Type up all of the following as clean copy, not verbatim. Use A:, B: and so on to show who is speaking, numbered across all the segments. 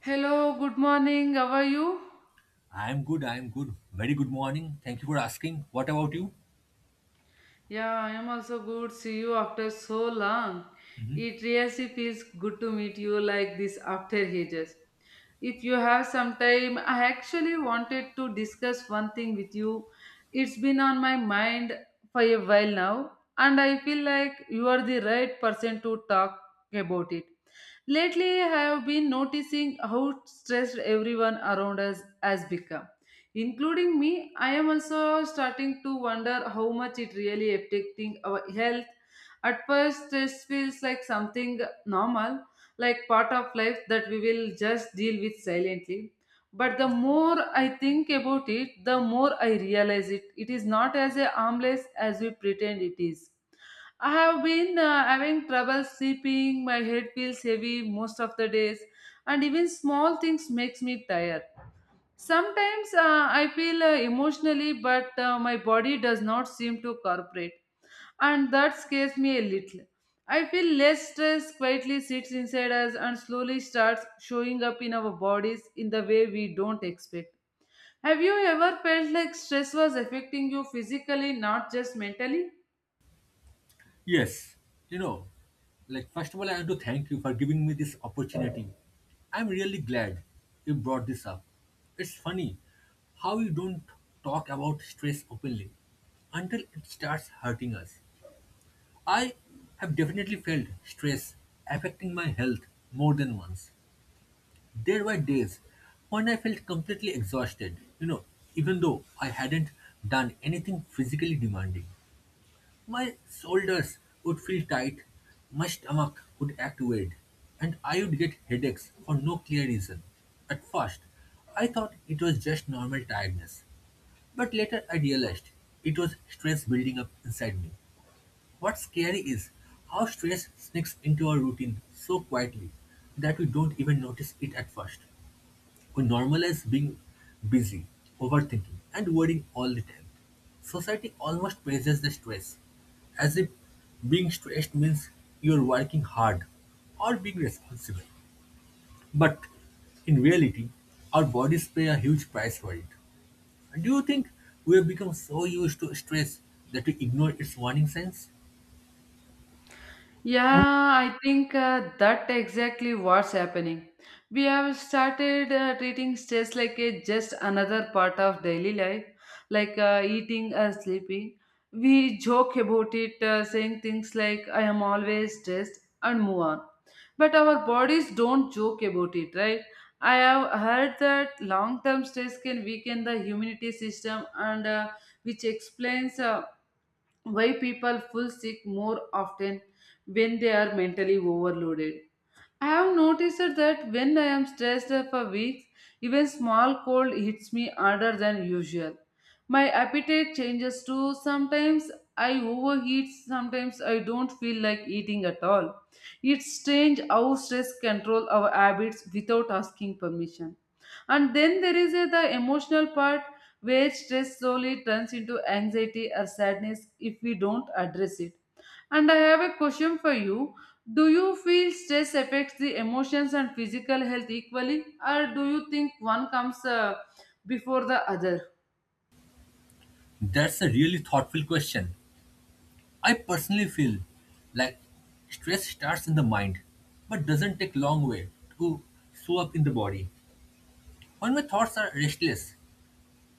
A: Hello, good morning. How are you?
B: I am good. I am good. Very good morning. Thank you for asking. What about you?
A: Yeah, I am also good. See you after so long. It really feels good to meet you like this after ages. If you have some time, I actually wanted to discuss one thing with you. It's been on my mind for a while now, and I feel like you are the right person to talk about it. Lately, I have been noticing how stressed everyone around us has become, including me. I am also starting to wonder how much it really affecting our health. At first stress feels like something normal, like part of life that we will just deal with silently, but the more I think about it, the more I realize it is not as a harmless as we pretend it is. I have been having trouble sleeping. My head feels heavy most of the days, and even small things makes me tired. Sometimes I feel emotionally, but my body does not seem to cooperate, and that scares me a little. I feel less stress quietly sits inside us and slowly starts showing up in our bodies in the way we don't expect. Have you ever felt like stress was affecting you physically, not just mentally?
B: Yes. You know, first of all, I want to thank you for giving me this opportunity. I'm really glad you brought this up. It's funny how we don't talk about stress openly until it starts hurting us. I have definitely felt stress affecting my health more than once. There were days when I felt completely exhausted, even though I hadn't done anything physically demanding. My shoulders would feel tight, my stomach would act weird, and I would get headaches for no clear reason. At first, I thought it was just normal tiredness, but later I realized it was stress building up inside me. What's scary is how stress sneaks into our routine so quietly that we don't even notice it at first. We normalize being busy, overthinking, and worrying all the time. Society almost praises the stress, as if being stressed means you're working hard or being responsible. But in reality, our bodies pay a huge price for it. Do you think we have become so used to stress that we ignore its warning signs?
A: Yeah, I think that exactly what's happening. We have started treating stress like a just another part of daily life, like eating or sleeping. We joke about it, saying things like "I am always stressed" and move on. But our bodies don't joke about it, right? I have heard that long-term stress can weaken the immunity system, and which explains why people fall sick more often when they are mentally overloaded. I have noticed that when I am stressed for weeks, even small cold hits me harder than usual. My appetite changes too. Sometimes I overheat, sometimes I don't feel like eating at all. It's strange how stress control our habits without asking permission. And then there is the emotional part where stress slowly turns into anxiety or sadness if we don't address it. And I have a question for you. Do you feel stress affects the emotions and physical health equally, or do you think one comes before the other?
B: That's a really thoughtful question. I personally feel like stress starts in the mind, but doesn't take long way to show up in the body. When my thoughts are restless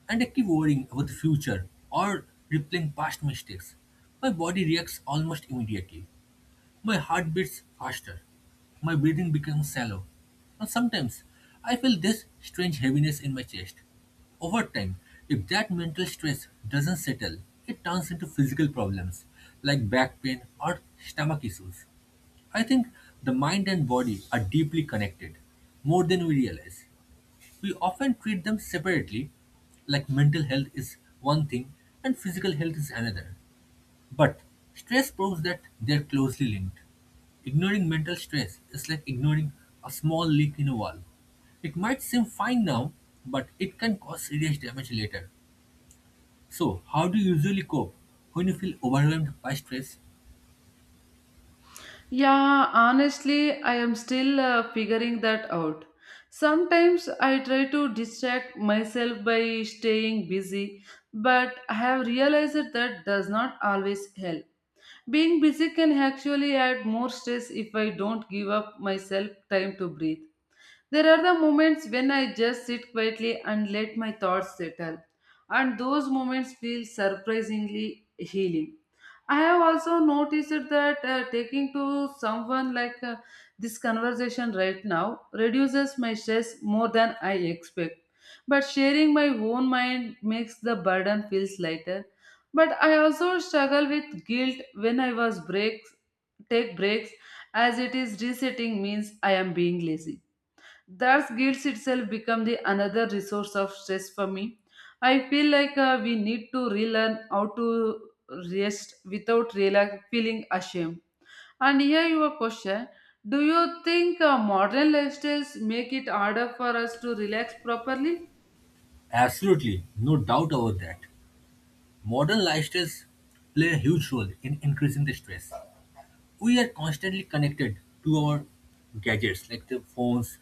B: and I keep worrying about the future or replaying past mistakes, my body reacts almost immediately. My heart beats faster. My breathing becomes shallow. And sometimes I feel this strange heaviness in my chest. Over time, if that mental stress doesn't settle, it turns into physical problems like back pain or stomach issues. I think the mind and body are deeply connected, more than we realize. We often treat them separately, like mental health is one thing and physical health is another. But stress proves that they're closely linked. Ignoring mental stress is like ignoring a small leak in a wall. It might seem fine now, but it can cause serious damage later. So, how do you usually cope when you feel overwhelmed by stress?
A: Yeah, honestly, I am still figuring that out. Sometimes I try to distract myself by staying busy, but I have realized that does not always help. Being busy can actually add more stress if I don't give up myself time to breathe. There are the moments when I just sit quietly and let my thoughts settle, and those moments feel surprisingly healing. I have also noticed that taking to someone like this conversation right now reduces my stress more than I expect. But sharing my own mind makes the burden feels lighter. But I also struggle with guilt when I was breaks take breaks as it is resetting means I am being lazy. Thus, guilt itself become the another resource of stress for me. I feel like we need to relearn how to rest without feeling ashamed. And here your question: do you think modern lifestyles make it harder for us to relax properly?
B: Absolutely, no doubt about that. Modern lifestyles play a huge role in increasing the stress. We are constantly connected to our gadgets like the phones,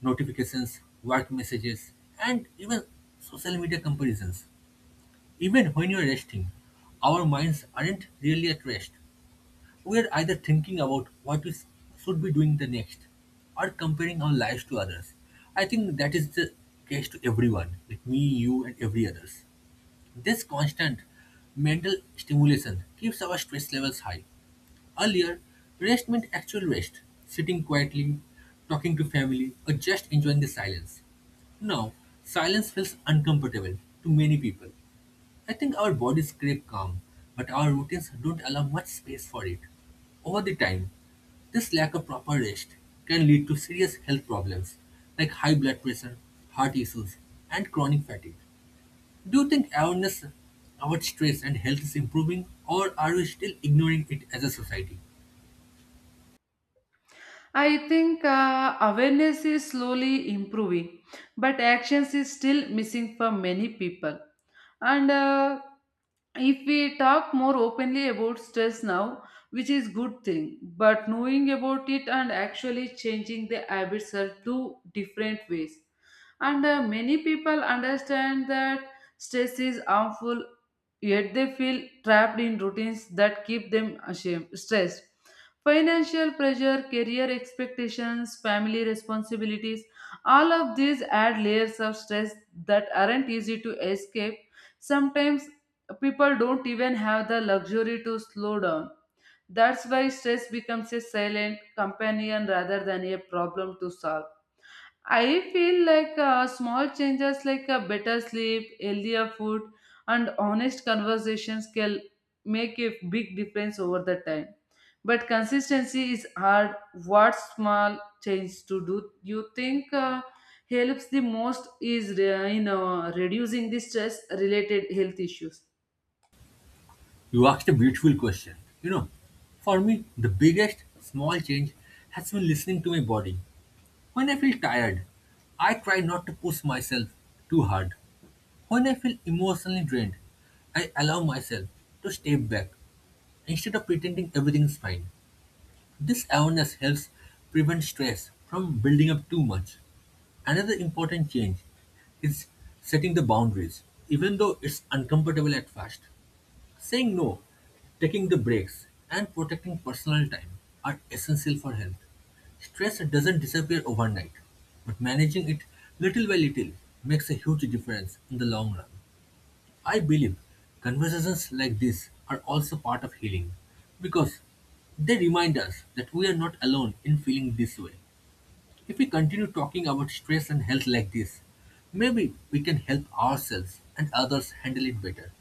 B: notifications, work messages, and even social media comparisons. Even when you're resting, our minds aren't really at rest. We are either thinking about should be doing the next or comparing our lives to others. I think that is the case to everyone, like me, you, and every others. This constant mental stimulation keeps our stress levels high. Earlier, rest meant actual rest, sitting quietly, talking to family, or just enjoying the silence. Now, silence feels uncomfortable to many people. I think our bodies crave calm, but our routines don't allow much space for it. Over the time, this lack of proper rest can lead to serious health problems like high blood pressure, heart issues, and chronic fatigue. Do you think awareness about stress and health is improving, or are we still ignoring it as a society?
A: I think awareness is slowly improving, but actions is still missing for many people. And if we talk more openly about stress now, which is good thing, but knowing about it and actually changing the habits are two different ways, and many people understand that stress is harmful, yet they feel trapped in routines that keep them ashamed stressed. Financial pressure, career expectations, family responsibilities, all of these add layers of stress that aren't easy to escape. Sometimes people don't even have the luxury to slow down. That's why stress becomes a silent companion rather than a problem to solve. I feel like small changes like better sleep, healthier food, and honest conversations can make a big difference over the time. But consistency is hard. What small change to do you think helps the most is in reducing the stress related health issues?
B: You asked a beautiful question. You know, for me, the biggest small change has been listening to my body. When I feel tired, I try not to push myself too hard. When I feel emotionally drained, I allow myself to step back instead of pretending everything is fine. This awareness helps prevent stress from building up too much. Another important change is setting the boundaries, even though it's uncomfortable at first. Saying no, taking the breaks, and protecting personal time are essential for health. Stress doesn't disappear overnight, but managing it little by little makes a huge difference in the long run. I believe conversations like this are also part of healing because they remind us that we are not alone in feeling this way. If we continue talking about stress and health like this, maybe we can help ourselves and others handle it better.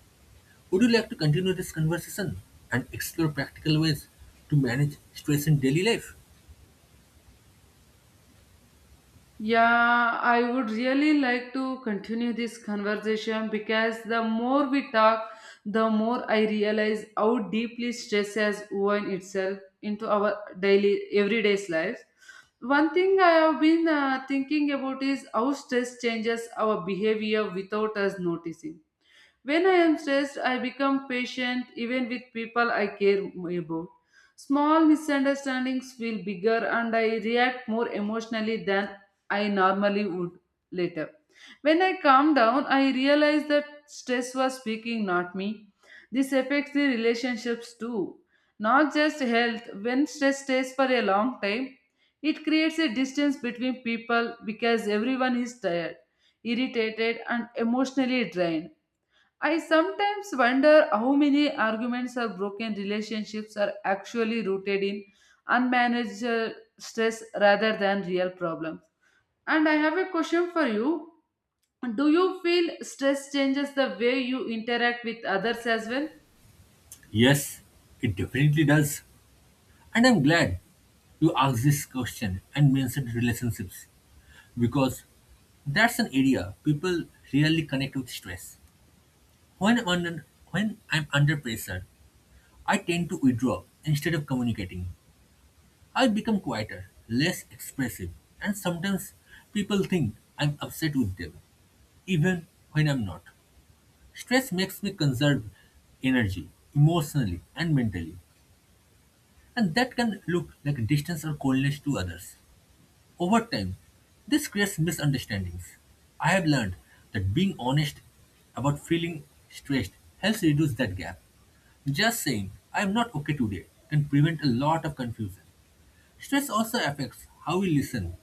B: Would you like to continue this conversation and explore practical ways to manage stress in daily life?
A: Yeah, I would really like to continue this conversation because the more we talk, the more I realize how deeply stress has woven itself into our daily, everyday's lives. One thing I have been thinking about is how stress changes our behavior without us noticing when I am stressed, I become patient even with people I care about. Small misunderstandings feel bigger and I react more emotionally than I normally would later. When I calm down, I realize that stress was speaking, not me. This affects the relationships too, not just health. When stress stays for a long time, it creates a distance between people because everyone is tired, irritated, and emotionally drained. I sometimes wonder how many arguments or broken relationships are actually rooted in unmanaged stress rather than real problems. And I have a question for you. Do you feel stress changes the way you interact with others as well?
B: Yes, it definitely does. And I'm glad you asked this question and mentioned relationships because that's an area people really connect with stress. When I'm under, when I'm under pressure, I tend to withdraw instead of communicating. I become quieter, less expressive, and sometimes people think I'm upset with them, even when I'm not. Stress makes me conserve energy emotionally and mentally, and that can look like distance or coldness to others. Over time, this creates misunderstandings. I have learned that being honest about feeling stressed helps reduce that gap. Just saying, I am not okay today, can prevent a lot of confusion. Stress also affects how we listen.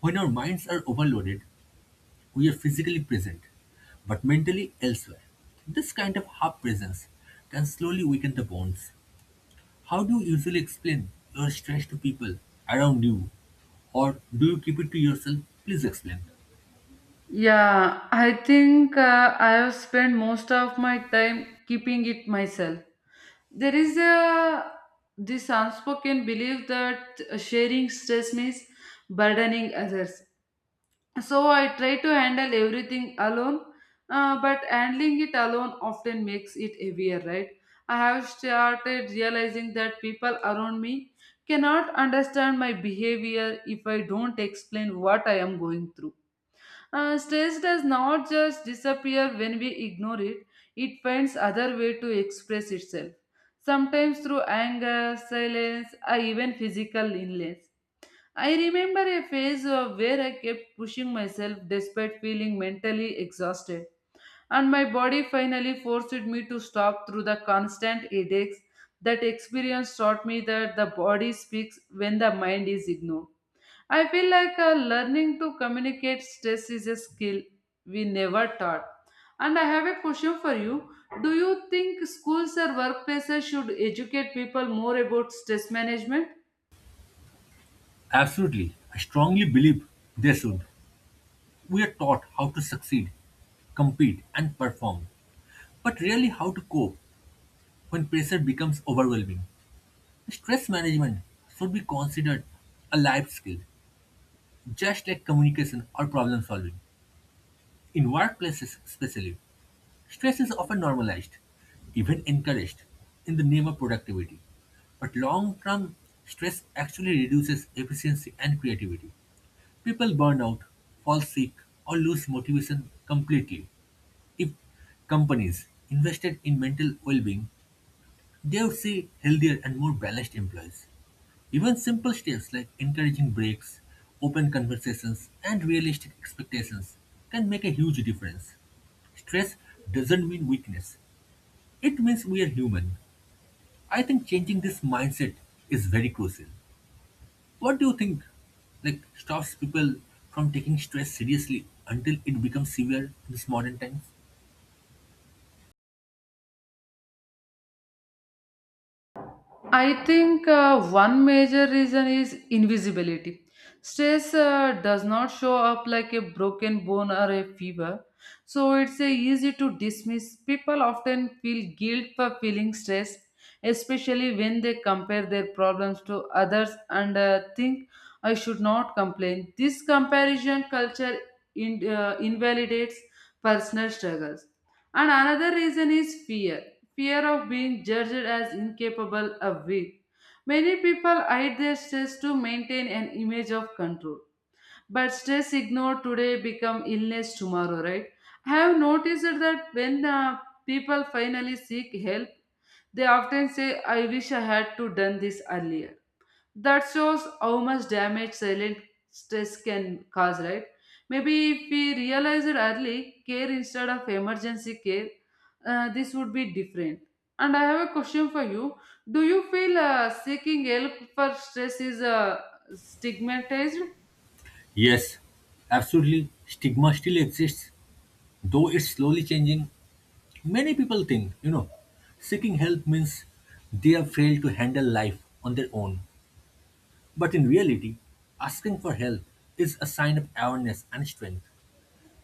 B: When our minds are overloaded, we are physically present, but mentally elsewhere. This kind of half presence can slowly weaken the bonds. How do you usually explain your stress to people around you? Or do you keep it to yourself? Please explain.
A: Yeah, I think I have spent most of my time keeping it myself. There is a this unspoken belief that sharing stress means burdening others, so I try to handle everything alone, but handling it alone often makes it heavier, right? I have started realizing that people around me cannot understand my behavior if I don't explain what I am going through. Stress does not just disappear when we ignore it, it finds other way to express itself. Sometimes through anger, silence, or even physical illness. I remember a phase of where I kept pushing myself despite feeling mentally exhausted, and my body finally forced me to stop through the constant headaches. That experience taught me that the body speaks when the mind is ignored. I feel like learning to communicate stress is a skill we never taught. And I have a question for you. Do you think schools or workplaces should educate people more about stress management?
B: Absolutely. I strongly believe they should. We are taught how to succeed, compete, and perform, but rarely how to cope when pressure becomes overwhelming. Stress management should be considered a life skill, just like communication or problem solving, in workplaces especially. Stress is often normalized, even encouraged, in the name of productivity. But long term stress actually reduces efficiency and creativity. People burn out, fall sick, or lose motivation completely. If companies invested in mental well being, they would see healthier and more balanced employees. Even simple steps like encouraging breaks, open conversations, and realistic expectations can make a huge difference. Stress doesn't mean weakness. It means we are human. I think changing this mindset is very crucial. What do you think like stops people from taking stress seriously until it becomes severe in this modern times?
A: I think one major reason is invisibility. Stress does not show up like a broken bone or a fever, so it's easy to dismiss. People often feel guilt for feeling stressed, especially when they compare their problems to others and think I should not complain. This comparison culture invalidates personal struggles. And another reason is fear, fear of being judged as incapable or weak. Many people hide their stress to maintain an image of control. But stress ignored today become illness tomorrow, right? I have noticed that when people finally seek help, they often say, I wish I had to done this earlier, that shows how much damage silent stress can cause, right? Maybe if we realize it early, care instead of emergency care, this would be different. And I have a question for you. Do you feel seeking help for stress is stigmatized?
B: Yes, absolutely. Stigma still exists, though it's slowly changing. Many people think, seeking help means they have failed to handle life on their own. But in reality, asking for help is a sign of awareness and strength.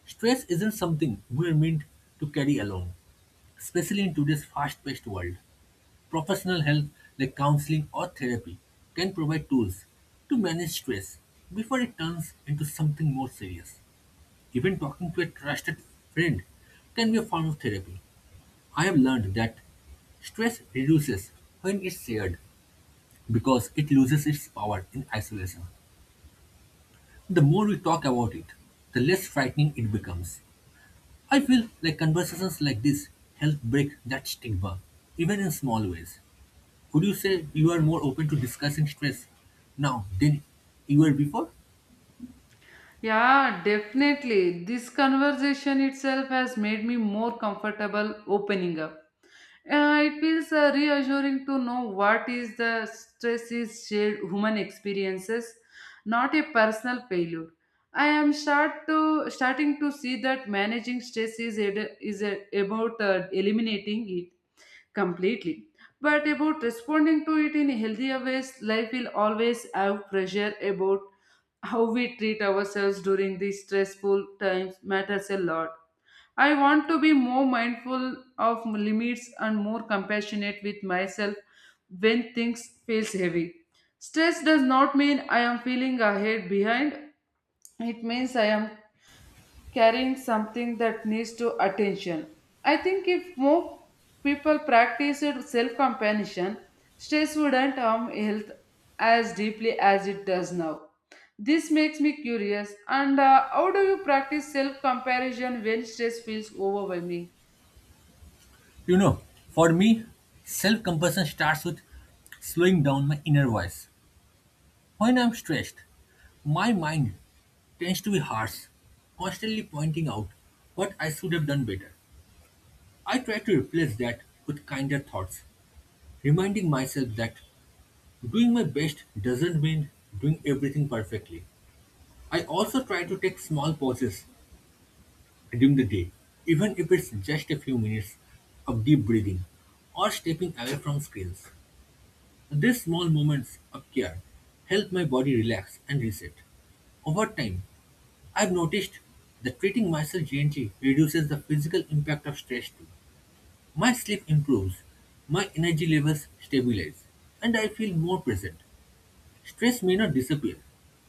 B: Stress isn't something we're meant to carry alone, especially in today's fast paced world. Professional help like counseling or therapy can provide tools to manage stress before it turns into something more serious. Even talking to a trusted friend can be a form of therapy. I have learned that stress reduces when it's shared because it loses its power in isolation. The more we talk about it, the less frightening it becomes. I feel like conversations like this help break that stigma, even in small ways. Would you say you are more open to discussing stress now than you were before?
A: Yeah, definitely. This conversation itself has made me more comfortable opening up. It feels reassuring to know what is the stress is shared human experiences, not a personal failure. I am starting to see that managing stress is about eliminating it completely, but about responding to it in healthier ways. Life will always have pressure about how we treat ourselves during these stressful times matters a lot. I want to be more mindful of limits and more compassionate with myself when things feels heavy. Stress does not mean I am feeling ahead behind. It means I am carrying something that needs to attention. I think if more people practiced self-compassion, stress wouldn't harm health as deeply as it does now. This makes me curious. And how do you practice self-comparison when stress feels overwhelming?
B: You know, for me, self compassion starts with slowing down my inner voice. When I'm stressed, my mind tends to be harsh, constantly pointing out what I should have done better. I try to replace that with kinder thoughts, reminding myself that doing my best doesn't mean doing everything perfectly. I also try to take small pauses during the day, even if it's just a few minutes of deep breathing or stepping away from screens. These small moments of care help my body relax and reset. Over time, I've noticed that treating myself gently reduces the physical impact of stress too. My sleep improves, my energy levels stabilize, and I feel more present. Stress may not disappear,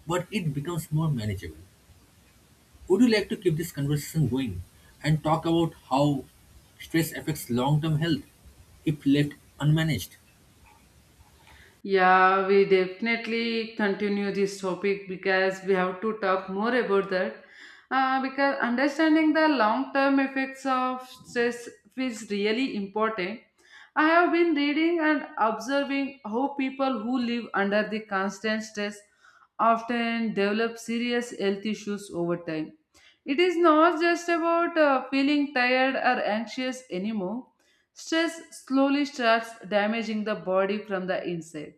B: but it becomes more manageable. Would you like to keep this conversation going and talk about how stress affects long term health if left unmanaged?
A: Yeah, we definitely continue this topic because we have to talk more about that. Because understanding the long term effects of stress is really important. I have been reading and observing how people who live under the constant stress often develop serious health issues over time. It is not just about feeling tired or anxious anymore. Stress slowly starts damaging the body from the inside.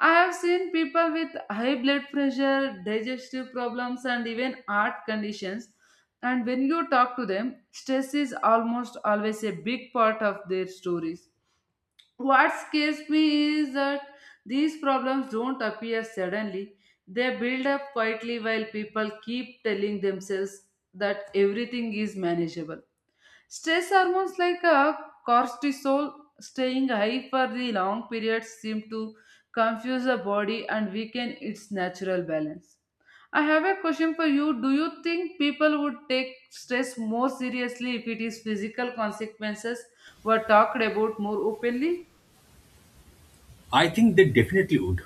A: I have seen people with high blood pressure, digestive problems, and even heart conditions. And when you talk to them, stress is almost always a big part of their stories. What scares me is that these problems don't appear suddenly, they build up quietly while people keep telling themselves that everything is manageable. Stress hormones like cortisol staying high for the long periods seem to confuse the body and weaken its natural balance. I have a question for you. Do you think people would take stress more seriously if it is physical consequences were talked about more openly?
B: I think they definitely would.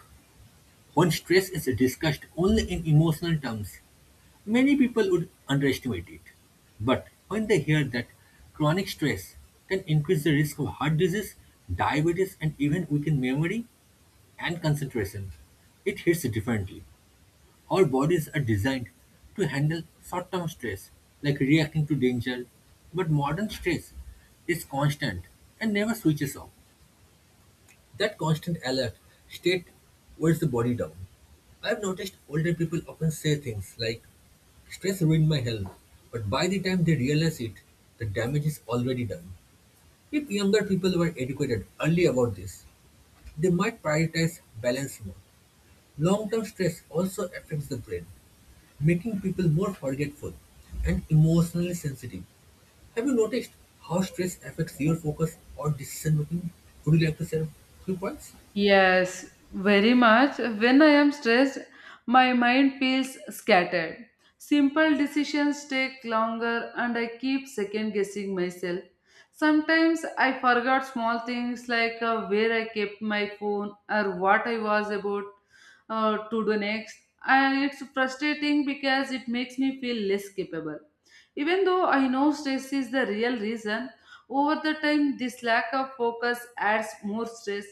B: When stress is discussed only in emotional terms, many people would underestimate it. But when they hear that chronic stress can increase the risk of heart disease, diabetes, and even weaken memory and concentration, it hits differently. Our bodies are designed to handle short term stress, like reacting to danger, but modern stress is constant and never switches off. That constant alert state wears the body down. I've noticed older people often say things like, stress ruined my health, but by the time they realize it, the damage is already done. If younger people were educated early about this, they might prioritize balance more. Long term stress also affects the brain, making people more forgetful and emotionally sensitive. Have you noticed how stress affects your focus or decision making? Would you like to share a few points?
A: Yes, very much. When I am stressed, my mind feels scattered. Simple decisions take longer and I keep second guessing myself. Sometimes I forgot small things like where I kept my phone or what I was about to do next. It's frustrating because it makes me feel less capable. Even though I know stress is the real reason, over the time this lack of focus adds more stress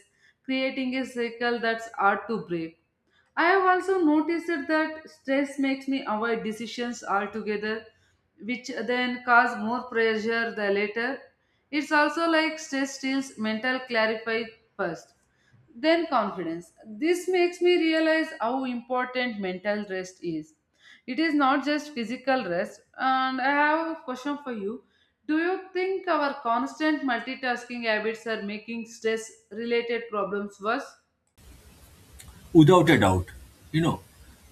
A: creating a cycle that's hard to break. I have also noticed that stress makes me avoid decisions altogether, which then cause more pressure the later. It's also like stress steals mental clarify first then confidence. This makes me realize how important mental rest is. It is not just physical rest. And I have a question for you. Do you think our constant multitasking habits are making stress related problems worse?
B: Without a doubt, you know,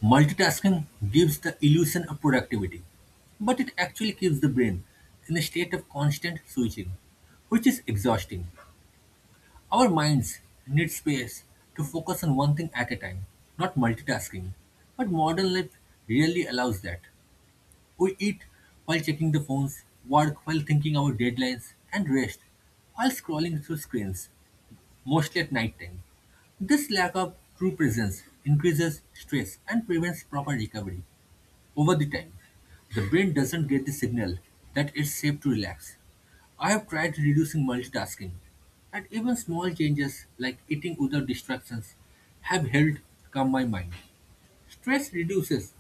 B: multitasking gives the illusion of productivity, but it actually keeps the brain in a state of constant switching, which is exhausting. Our minds need space to focus on one thing at a time, not multitasking, but modern life really allows that. We eat while checking the phones, work while thinking about deadlines, and rest while scrolling through screens, mostly at night time. This lack of true presence increases stress and prevents proper recovery over the time. The brain doesn't get the signal that it's safe to relax. I have tried reducing multitasking, and even small changes like eating without distractions have helped calm my mind. Stress reduces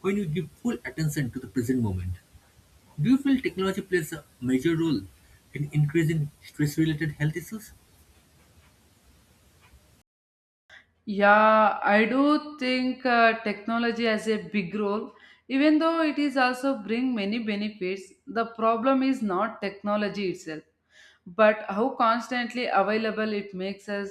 B: when you give full attention to the present moment. Do you feel technology plays a major role in increasing stress-related health issues?
A: Yeah, I do think technology has a big role, even though it is also bring many benefits. The problem is not technology itself, but how constantly available it makes us.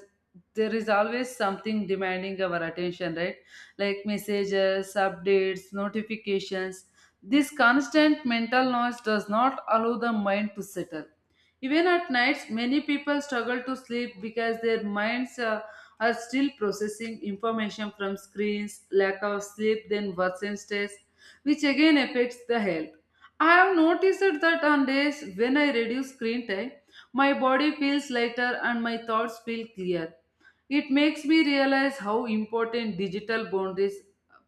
A: There is always something demanding our attention, right? Like messages, updates, notifications. This constant mental noise does not allow the mind to settle. Even at nights, many people struggle to sleep because their minds are still processing information from screens, lack of sleep, then worsen stress, which again affects the health. I have noticed that on days when I reduce screen time, my body feels lighter and my thoughts feel clear. It makes me realize how important digital boundaries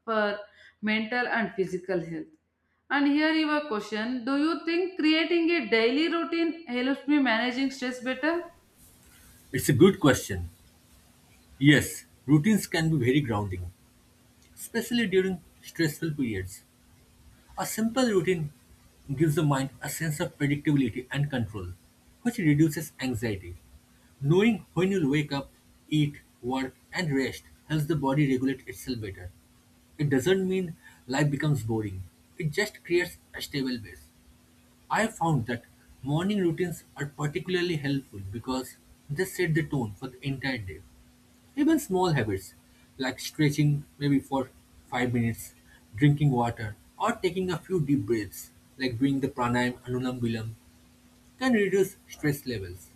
A: for mental and physical health. And here your question, do you think creating a daily routine helps me managing stress better?
B: It's a good question. Yes, routines can be very grounding, especially during stressful periods. A simple routine gives the mind a sense of predictability and control, which reduces anxiety. Knowing when you'll wake up, eat, work, and rest helps the body regulate itself better. It doesn't mean life becomes boring, it just creates a stable base. I have found that morning routines are particularly helpful because they set the tone for the entire day. Even small habits like stretching maybe for 5 minutes, drinking water, or taking a few deep breaths like doing the pranayam anulam vilam can reduce stress levels.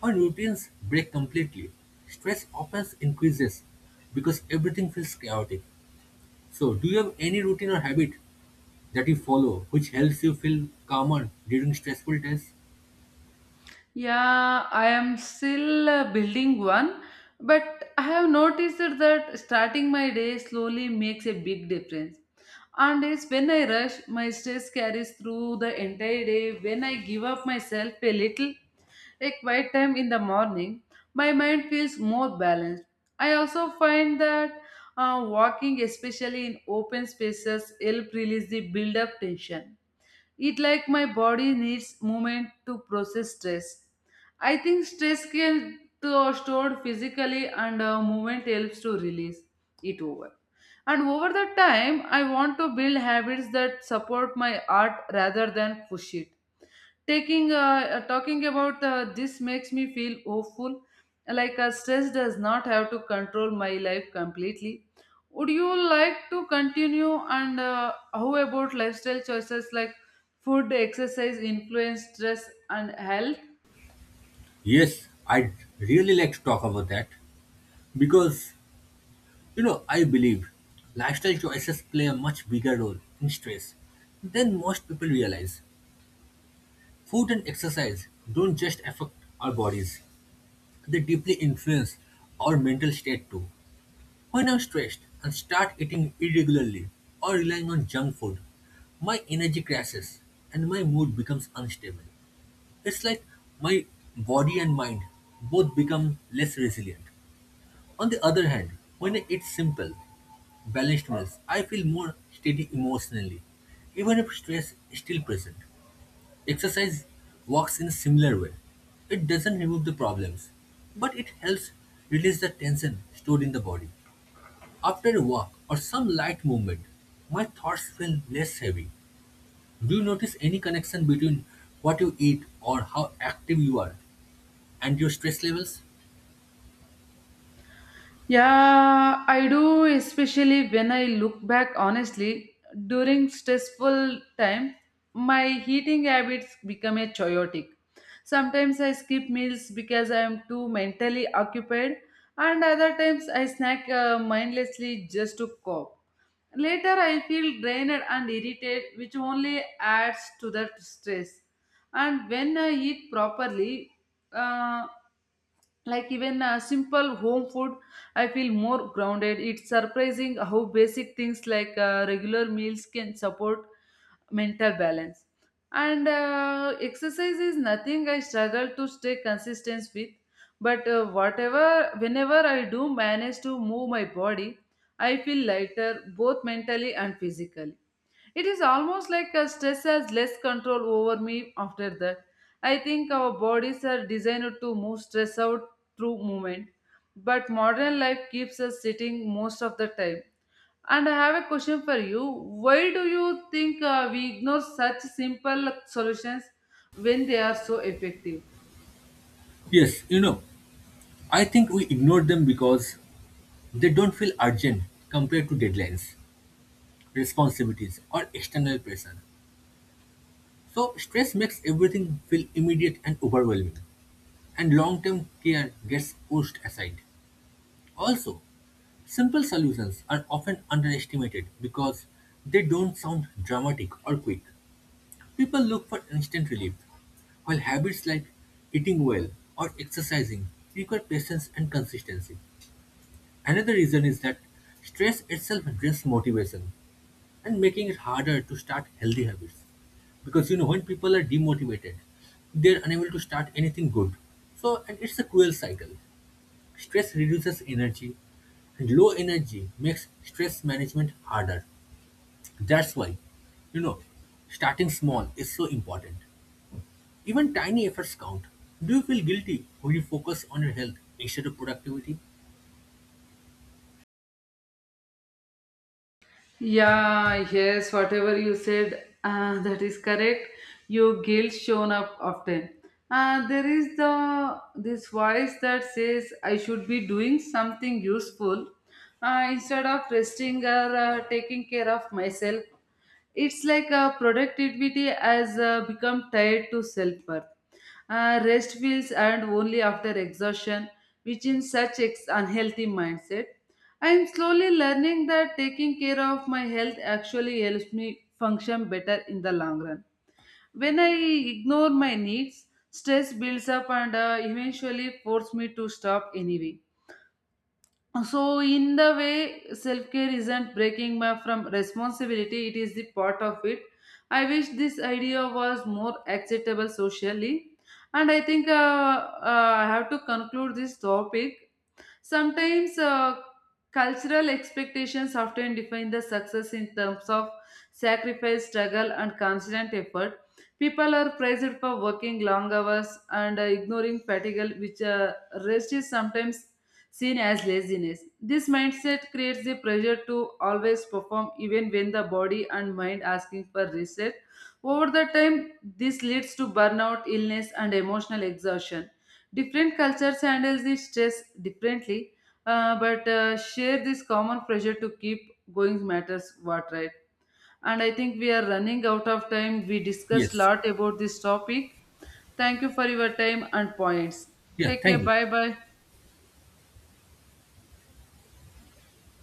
B: When routines break completely, stress often increases because everything feels chaotic. So, do you have any routine or habit that you follow which helps you feel calmer during stressful times?
A: Yeah, I am still building one, but I have noticed that starting my day slowly makes a big difference. And it's when I rush, my stress carries through the entire day. When I give up myself a little, a quiet time in the morning, my mind feels more balanced. I also find that walking, especially in open spaces, help release the build-up tension. It like my body needs movement to process stress. I think stress can to stored physically and movement helps to release it over. And over the time, I want to build habits that support my art rather than push it taking talking about this makes me feel hopeful like stress does not have to control my life completely. Would you like to continue? And how about lifestyle choices like food exercise influence stress and health?
B: Yes, I'd really like to talk about that because, I believe lifestyle choices play a much bigger role in stress than most people realize. Food and exercise don't just affect our bodies, they deeply influence our mental state too. When I'm stressed and start eating irregularly or relying on junk food, my energy crashes and my mood becomes unstable. It's like my body and mind both become less resilient. On the other hand, when I eat simple, balanced meals, I feel more steady emotionally, even if stress is still present. Exercise works in a similar way. It doesn't remove the problems, but it helps release the tension stored in the body. After a walk or some light movement, my thoughts feel less heavy. Do you notice any connection between what you eat or how active you are and your stress levels?
A: Yeah, I do, especially when I look back honestly. During stressful time, my eating habits become a chaotic. Sometimes I skip meals because I am too mentally occupied, and other times I snack mindlessly just to cope. Later, I feel drained and irritated, which only adds to the stress. And when I eat properly, uh, like even a simple home food, I feel more grounded. It's surprising how basic things like regular meals can support mental balance. And exercise is nothing I struggle to stay consistent with, but whatever whenever I do manage to move my body, I feel lighter both mentally and physically. It is almost like a stress has less control over me after that. I think our bodies are designed to move stress out through movement, but modern life keeps us sitting most of the time. And I have a question for you. Why do you think we ignore such simple solutions when they are so effective?
B: Yes, I think we ignore them because they don't feel urgent compared to deadlines, responsibilities, or external pressure. So stress makes everything feel immediate and overwhelming, and long-term care gets pushed aside. Also, simple solutions are often underestimated because they don't sound dramatic or quick. People look for instant relief, while habits like eating well or exercising require patience and consistency. Another reason is that stress itself drains motivation, and making it harder to start healthy habits. Because when people are demotivated, they're unable to start anything good. So, and it's a cruel cycle. Stress reduces energy, and low energy makes stress management harder. That's why, you know, starting small is so important. Even tiny efforts count. Do you feel guilty when you focus on your health instead of productivity?
A: Yeah, yes, whatever you said, that is correct. Your guilt shown up often. There is the this voice that says I should be doing something useful instead of resting or taking care of myself. It's like a productivity has become tied to self-worth. Rest feels earned only after exhaustion, which in such unhealthy mindset. I am slowly learning that taking care of my health actually helps me function better in the long run. When I ignore my needs, stress builds up and eventually force me to stop anyway. So in the way, self-care isn't breaking me from responsibility, it is the part of it. I wish this idea was more acceptable socially. And I think I have to conclude this topic. Sometimes cultural expectations often define the success in terms of sacrifice, struggle, and constant effort. People are praised for working long hours and ignoring fatigue, which rest is sometimes seen as laziness. This mindset creates the pressure to always perform, even when the body and mind asking for reset. Over the time, this leads to burnout, illness, and emotional exhaustion. Different cultures handle the stress differently, but share this common pressure to keep going matters what right. And I think we are running out of time. We discussed a
B: Yes.
A: lot about this topic. Thank you for your time and points.
B: Yeah,
A: Take
B: thank
A: care.
B: you.
A: Bye bye.